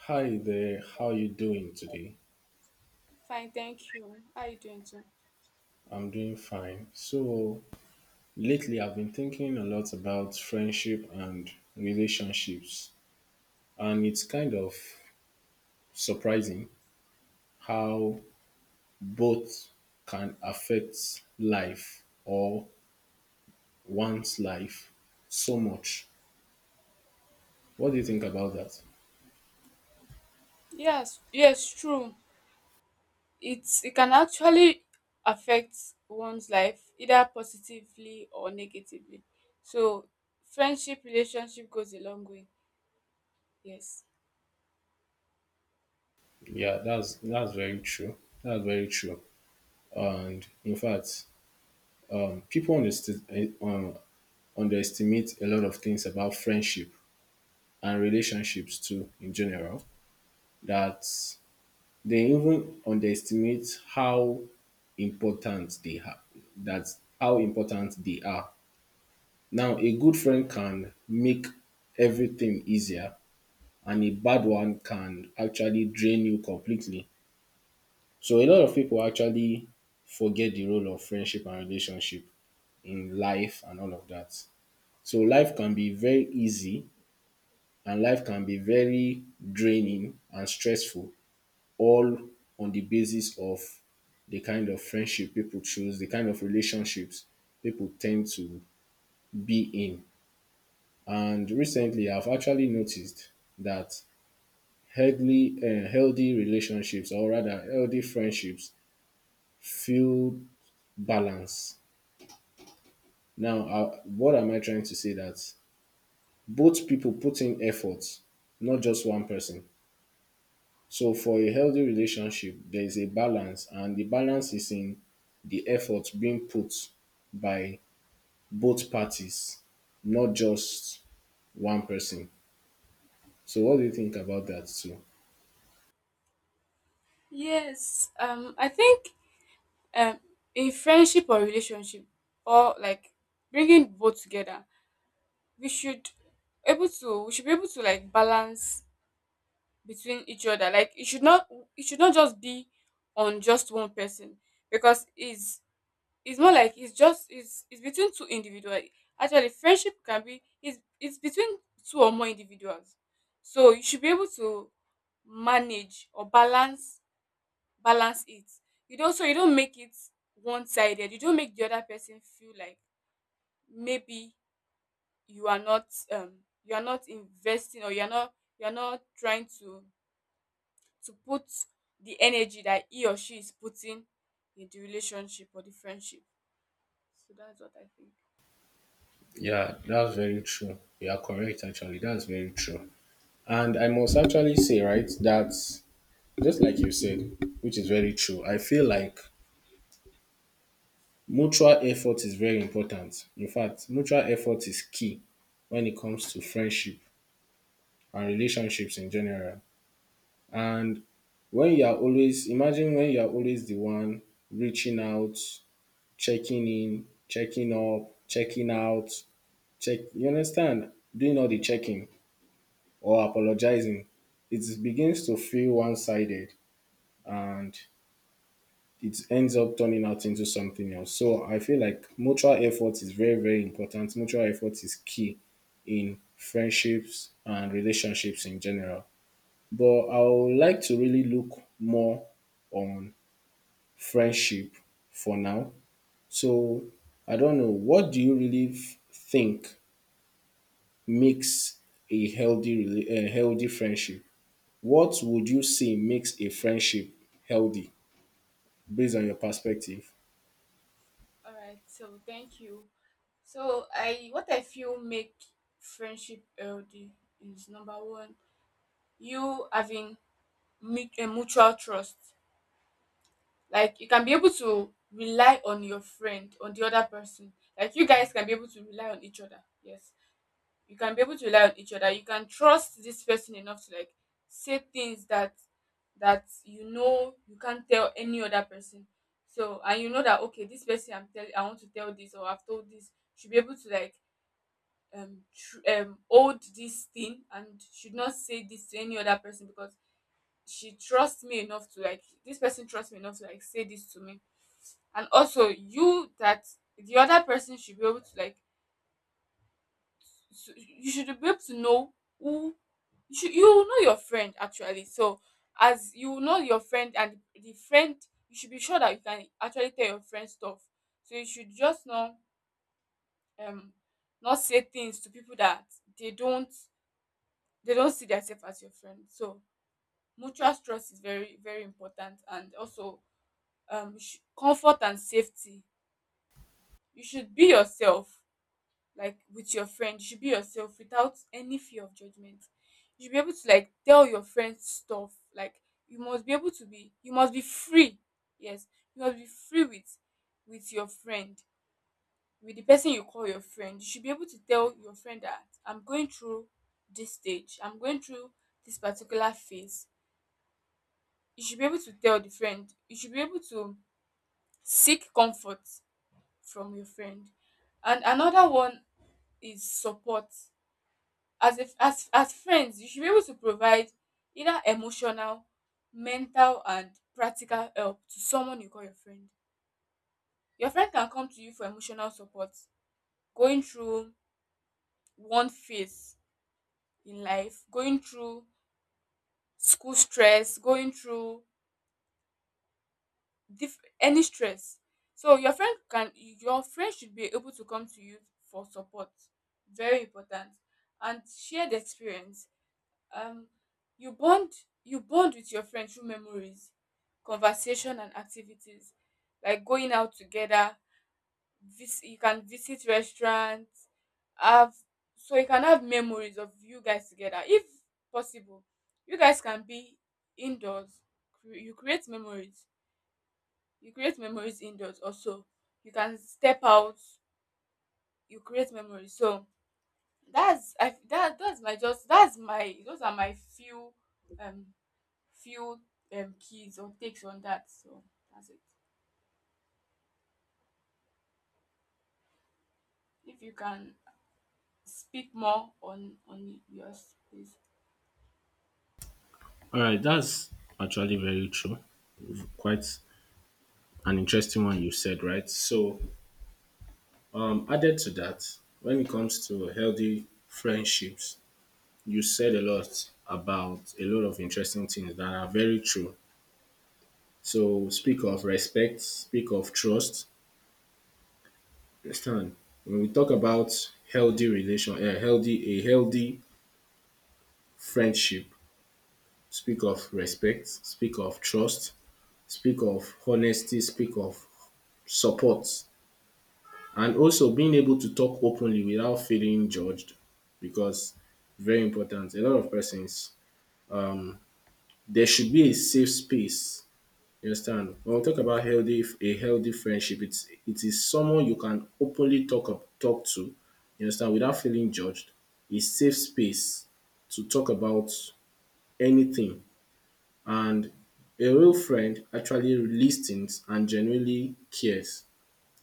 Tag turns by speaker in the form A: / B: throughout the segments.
A: Hi there, how you doing today?
B: Fine, thank you. How are you doing too?
A: I'm doing fine. So, lately I've been thinking a lot about friendship and relationships, and it's kind of surprising how both can affect life or one's life so much. What do you think about that?
B: Yes, yes, true. It can actually affect one's life either positively or negatively. So friendship relationship goes a long way. Yes.
A: Yeah, that's very true. That's very true. And in fact, people underestimate a lot of things about friendship and relationships too in general that they even underestimate how important they have, that how important they are. Now a good friend can make everything easier and a bad one can actually drain you completely. So a lot of people actually forget the role of friendship and relationship in life and all of that. So life can be very easy and life can be very draining and stressful all on the basis of the kind of friendship people choose, the kind of relationships people tend to be in. And recently, I've actually noticed that healthy relationships, or rather, healthy friendships, feel balance. Now, what am I trying to say? That both people put in effort, not just one person. So for a healthy relationship, there is a balance, and the balance is in the effort being put by both parties, not just one person. So what do you think about that too?
B: Yes. I think um in friendship or relationship, or like bringing both together, we should we should be able to like balance between each other. Like it should not just be on just one person, because it's not like it's just it's between two individuals. Actually, friendship can be it's between two or more individuals. So you should be able to manage or balance it. You don't so you don't make it one sided. You don't make the other person feel like maybe you are not um you are not investing, or you are not trying to put the energy that he or she is putting in the relationship or the friendship. So that's what I think.
A: Yeah, that's very true. You are correct, actually. That's very true. And I must actually say, right, that just like you said, which is very true, I feel like mutual effort is very important. In fact, mutual effort is key when it comes to friendship and relationships in general. And when you are always, imagine when you are always the one reaching out, checking in, checking up, checking out, check, you understand, doing all the checking or apologizing, it begins to feel one sided and it ends up turning out into something else. So I feel like mutual effort is very, very important. Mutual effort is key in friendships and relationships in general. But I would like to really look more on friendship for now. So I don't know. What do you really think makes a healthy friendship? What would you say makes a friendship healthy based on your perspective?
B: All right. So thank you. So I what I feel make friendship healthy is number one, you having a mutual trust. Like you can be able to rely on your friend, on the other person. Like you guys can be able to rely on each other. Yes. You can be able to rely on each other. You can trust this person enough to like say things that you can't tell any other person. So and you know that, okay, this person, I want to tell this, or I've told this, should be able to like hold this thing, and should not say this to any other person, because she trusts me enough to like this person trusts me enough to like say this to me. And also you, that the other person should be able to like, so you should be able to know who you will know your friend, actually. So as you will know your friend, and the friend, you should be sure that you can actually tell your friend stuff. So you should just not um not say things to people that they don't they don't see themselves as your friend. So mutual trust is very, very important. And also you, comfort and safety. You should be yourself. Like with your friend you should be yourself without any fear of judgment. You should be able to like tell your friends stuff. Like you must be free. Yes. You must be free with your friend, with the person you call your friend. You should be able to tell your friend that I'm going through this stage, I'm going through this particular phase. You should be able to tell the friend. You should be able to seek comfort from your friend. And another one is support. As if as as friends, you should be able to provide either emotional, mental, and practical help to someone you call your friend. Your friend can come to you for emotional support. Going through one phase in life, going through school stress, going through any stress. So your friend should be able to come to you for support. Very important. And shared experience. um you bond you bond with your friend through memories, conversation, and activities. Like going out together, you can visit restaurants. Have So you can have memories of you guys together, if possible. You guys can be indoors. You create memories. You create memories indoors. Also, you can step out. You create memories. So that's my those are my few um few, keys or takes on that. So that's it. If you can speak more on yours, please.
A: All right, that's actually very true. Quite an interesting one you said, right? So, added to that, when it comes to healthy friendships, you said a lot about a lot of interesting things that are very true. So speak of respect, speak of trust. Understand? When we talk about healthy relation, a healthy friendship, speak of respect, speak of trust, speak of honesty, speak of support, and also being able to talk openly without feeling judged, because very important. A lot of persons, um, there should be a safe space. You understand? When we talk about healthy a healthy friendship, it's it is someone you can openly talk to, you understand, without feeling judged. A safe space to talk about anything. And a real friend actually listens and genuinely cares.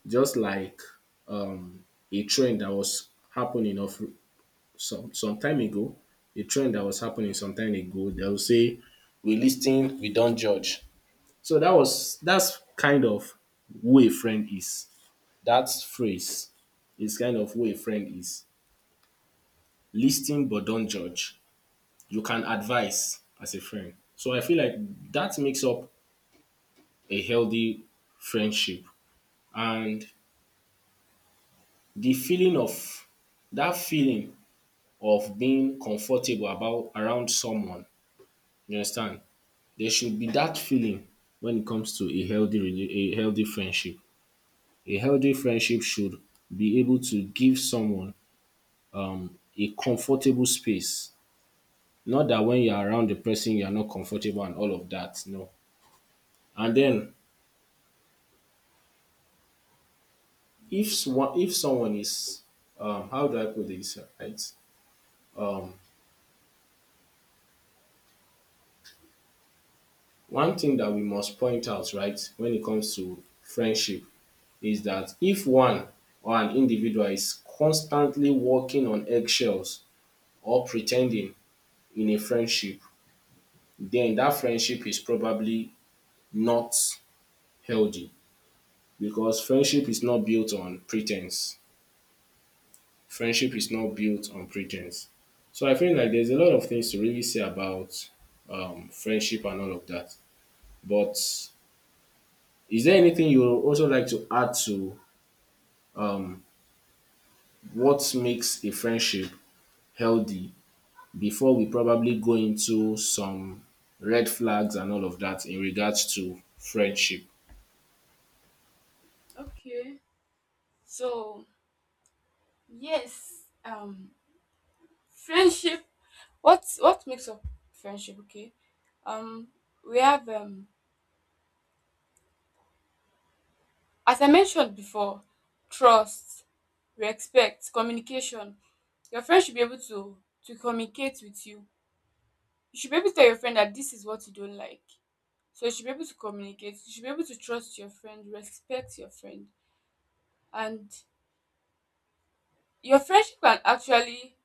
A: Just like um a trend that was happening of some time ago, a trend that was happening some time ago, they'll say we listen, we don't judge. So that's kind of who a friend is. That phrase is kind of who a friend is. Listen but don't judge. You can advise as a friend. So I feel like that makes up a healthy friendship. And the feeling of that feeling of being comfortable about around someone, you understand? There should be that feeling when it comes to a a healthy friendship. A healthy friendship should be able to give someone a comfortable space. Not that when you're around the person, you are not comfortable and all of that. No. And then if if someone is how do I put this right? Um, one thing that we must point out right when it comes to friendship is that if one or an individual is constantly walking on eggshells or pretending in a friendship, then that friendship is probably not healthy because friendship is not built on pretense. Friendship is not built on pretense. So I feel like there's a lot of things to really say about friendship and all of that. But is there anything you would also like to add to what makes a friendship healthy before we probably go into some red flags and all of that in regards to friendship?
B: Okay. So yes, friendship. What makes up friendship? Okay. Um, we have as I mentioned before, trust, respect, communication. Your friend should be able to communicate with you. You should be able to tell your friend that this is what you don't like. So you should be able to communicate, you should be able to trust your friend, respect your friend, and your friendship can actually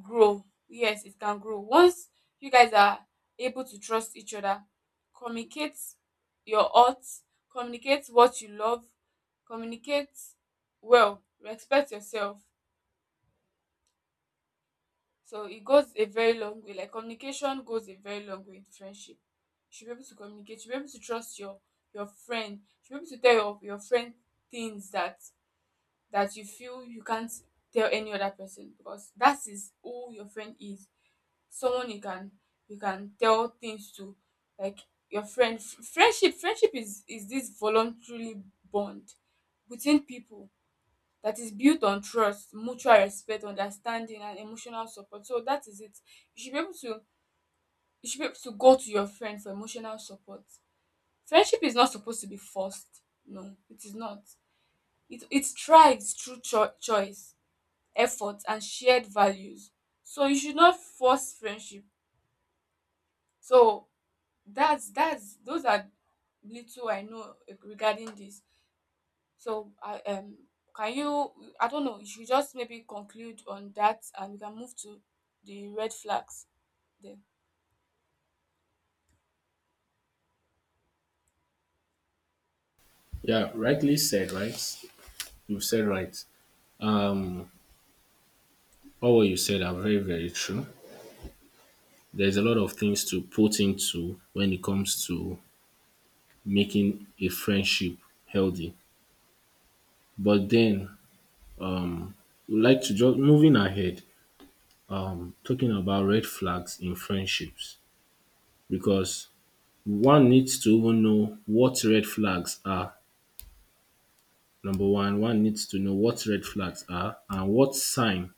B: grow. Yes, it can grow. Once you guys are able to trust each other, communicate your thoughts, communicate what you love, communicate well, respect yourself. So it goes a very long way. Like communication goes a very long way in friendship. You should be able to communicate. You should be able to trust your friend. You should be able to tell your friend things that you feel you can't tell any other person, because that is who your friend is. Someone you can tell things to, like your friend. Friendship is this voluntarily bond between people that is built on trust, mutual respect, understanding, and emotional support. So that is it. You should be able to you should be able to go to your friend for emotional support. Friendship is not supposed to be forced. No, it is not. It thrives through choice, effort, and shared values. So you should not force friendship. So that's those are little I know regarding this. So can you I don't know, you should just maybe conclude on that and we can move to the red flags then.
A: Yeah, rightly said, right? You said right. Um, all what you said are very, very true. There's a lot of things to put into when it comes to making a friendship healthy. But then, um, would like to just moving ahead, talking about red flags in friendships because one needs to even know what red flags are. Number one, one needs to know what red flags are and what sign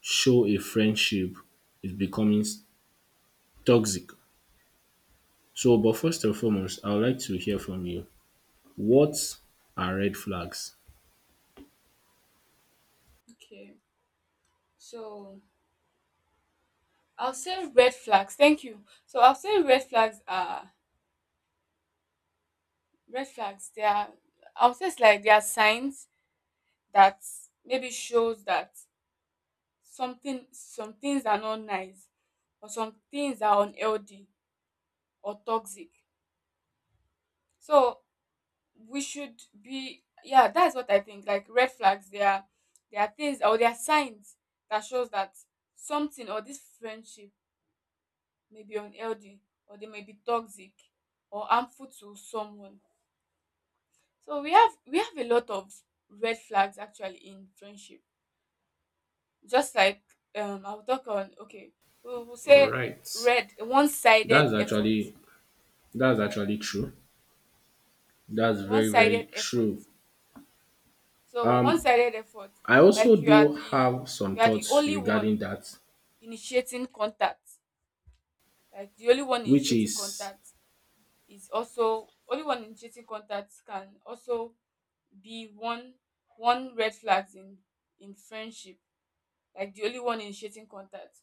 A: show a friendship is becoming toxic. So, but first and foremost, I would like to hear from you. What are red flags?
B: Okay. So I'll say red flags. Thank you. So I'll say red flags They are, I'll say, it's like they are signs that maybe shows that some things are not nice, or some things are unhealthy or toxic. So we should be yeah, that's what I think. Like red flags, they are things, or they are signs that shows that something or this friendship may be unhealthy, or they may be toxic, or harmful to someone. So we have a lot of red flags actually in friendship. Just like I'll talk on okay we'll
A: All
B: say,
A: right.
B: red one-sided
A: That's
B: effort.
A: actually that's actually true. That's very, very
B: One-sided effort.
A: true.
B: So
A: Um,
B: one-sided effort,
A: I also
B: like you are
A: do
B: the
A: have some
B: you are the
A: thoughts
B: only
A: regarding
B: one
A: that,
B: initiating contact. Like the only one
A: which
B: initiating
A: is
B: contact is also. Only one initiating contact can also be one red flags in friendship. Like the only one initiating contact.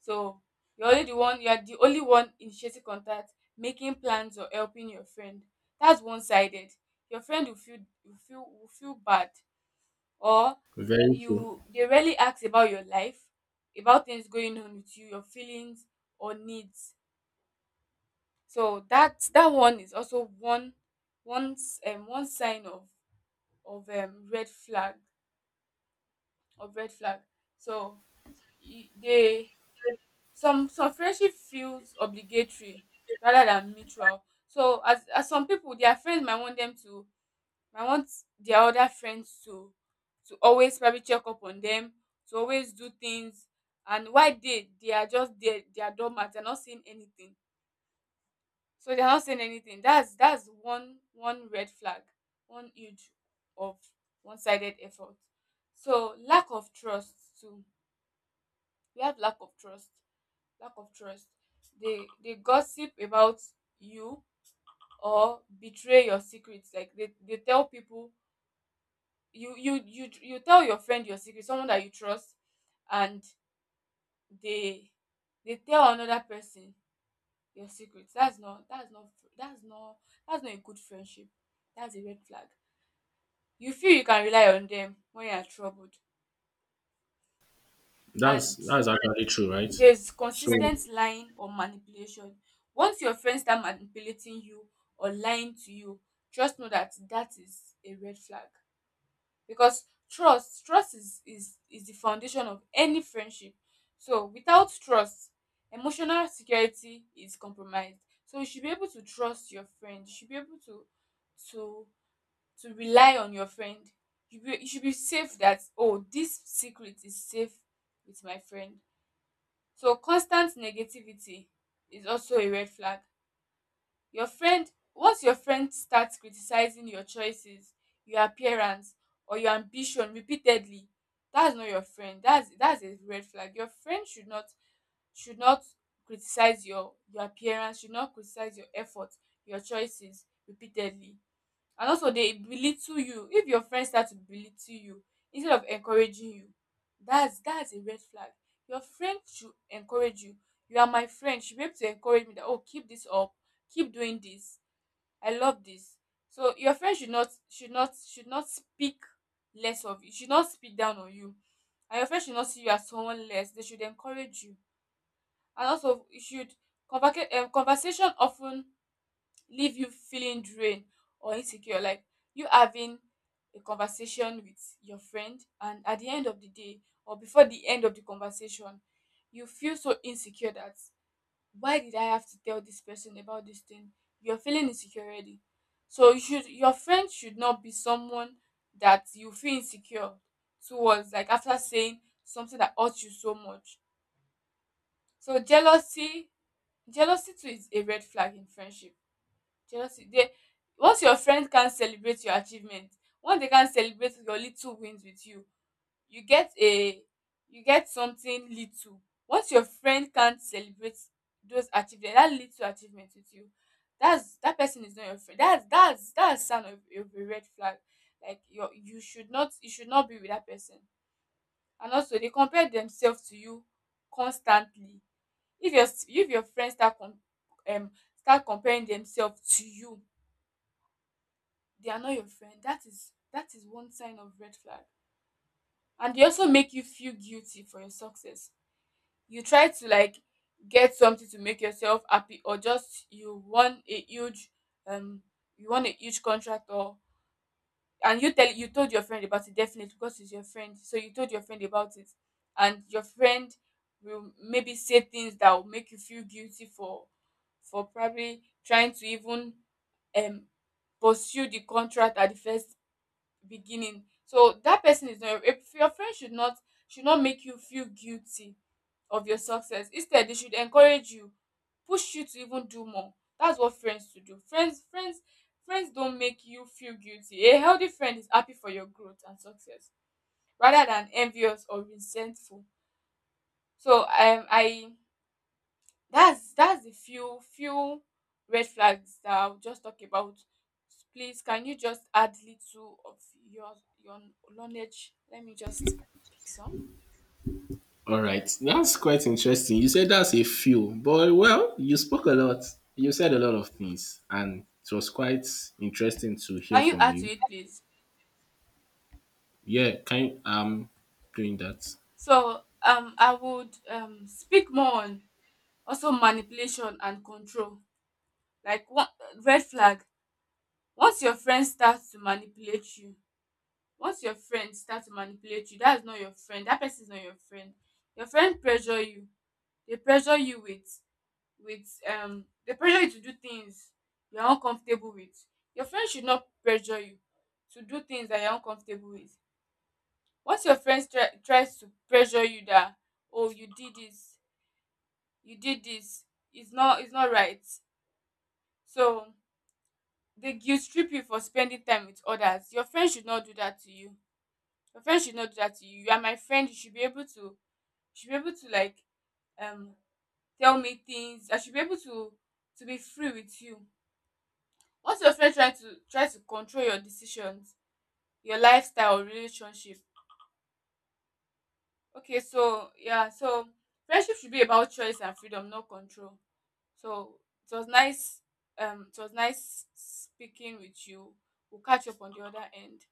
B: So you're the only one initiating contact, making plans, or helping your friend. That's one-sided. Your friend will feel, will feel bad. Or
A: very true.
B: you they rarely ask about your life, about things going on with you, your feelings or needs. So that, one is also one, one sign of um red flag of red flag. So y- they some friendship feels obligatory rather than mutual. So as some people, their friends might want them to, I want their other friends to always probably check up on them, to always do things. And why they are just there, they are dormant, they're not saying anything. So they're not saying anything. That's one red flag, one huge of one-sided effort. So lack of trust too. We have lack of trust. Lack of trust. They gossip about you or betray your secrets. Like they tell people. You tell your friend your secret, someone that you trust, and they they tell another person your secret. That's not that's not that's not that's not a good friendship. That's a red flag. You feel you can rely on them when you are troubled.
A: That's
B: And
A: that's actually true, right?
B: there's
A: So,
B: consistent lying or manipulation. Once your friends start manipulating you or lying to you, just know that that is a red flag, because trust is the foundation of any friendship. So without trust, emotional security is compromised. So you should be able to trust your friend. You should be able to to to rely on your friend. You should be safe that, oh, this secret is safe with my friend. So constant negativity is also a red flag. Your friend once your friend starts criticizing your choices, your appearance, or your ambition repeatedly, that's not your friend. That's a red flag. Your friend should not criticize your appearance, should not criticize your effort, your choices repeatedly. And also they belittle you. If your friend starts to belittle you instead of encouraging you, that's a red flag. Your friend should encourage you. You are my friend. She should be able to encourage me that, oh, keep this up, keep doing this, I love this. So your friend should not speak less of you, should not speak down on you. And your friend should not see you as someone less. They should encourage you. And also you should conversation often leave you feeling drained or insecure. Like you having a conversation with your friend and at the end of the day or before the end of the conversation, you feel so insecure that why did I have to tell this person about this thing? You're feeling insecure already. So you should, your friend should not be someone that you feel insecure towards, like after saying something that hurts you so much. So jealousy too is a red flag in friendship. Jealousy, they, once your friend can't celebrate your achievement, once they can't celebrate your little wins with you, you get a, you get something little, once your friend can't celebrate those achievement, that little achievement with you, that's, that person is not your friend, that's sign of a red flag. Like your, you should not be with that person. And also they compare themselves to you constantly. If your friends start um start comparing themselves to you, they are not your friend. That is one sign of red flag. And they also make you feel guilty for your success. You try to like get something to make yourself happy, or just you won a huge um you won a huge contract, or, and you tell you told your friend about it, definitely because it's your friend, so you told your friend about it. And your friend will maybe say things that will make you feel guilty for, probably trying to even um pursue the contract at the first beginning. So that person is not, if your friend should not, should not make you feel guilty of your success. Instead they should encourage you, push you to even do more. That's what friends should do. Friends don't make you feel guilty. A healthy friend is happy for your growth and success rather than envious or resentful. So I that's, the few red flags that I'll just talk about. Please, can you just add little of your knowledge? Let me just pick some.
A: all right, that's quite interesting. You said that's a few, but well, you spoke a lot. You said a lot of things, and it was quite interesting to hear
B: Can you
A: from
B: add to
A: you.
B: it, please?
A: Yeah, kind. Doing that.
B: So, I would speak more on also manipulation and control. Like one red flag. Once your friend starts to manipulate you, once your friend starts to manipulate you, that's not your friend. That person is not your friend. Your friend pressure you. They pressure you with the pressure you to do things you're uncomfortable with. Your friends should not pressure you to do things that you're uncomfortable with. Once your friends try tries to pressure you that oh you did this, it's not right. So they guilt trip you for spending time with others. Your friends should not do that to you. Your friends should not do that to you. You are my friend, you should be able to like um tell me things. I should be able to be free with you. Once your friend try to control your decisions, your lifestyle or relationship. Okay, so yeah, so friendship should be about choice and freedom, not control. So it was nice, it was nice speaking with you. We'll catch up on the other end.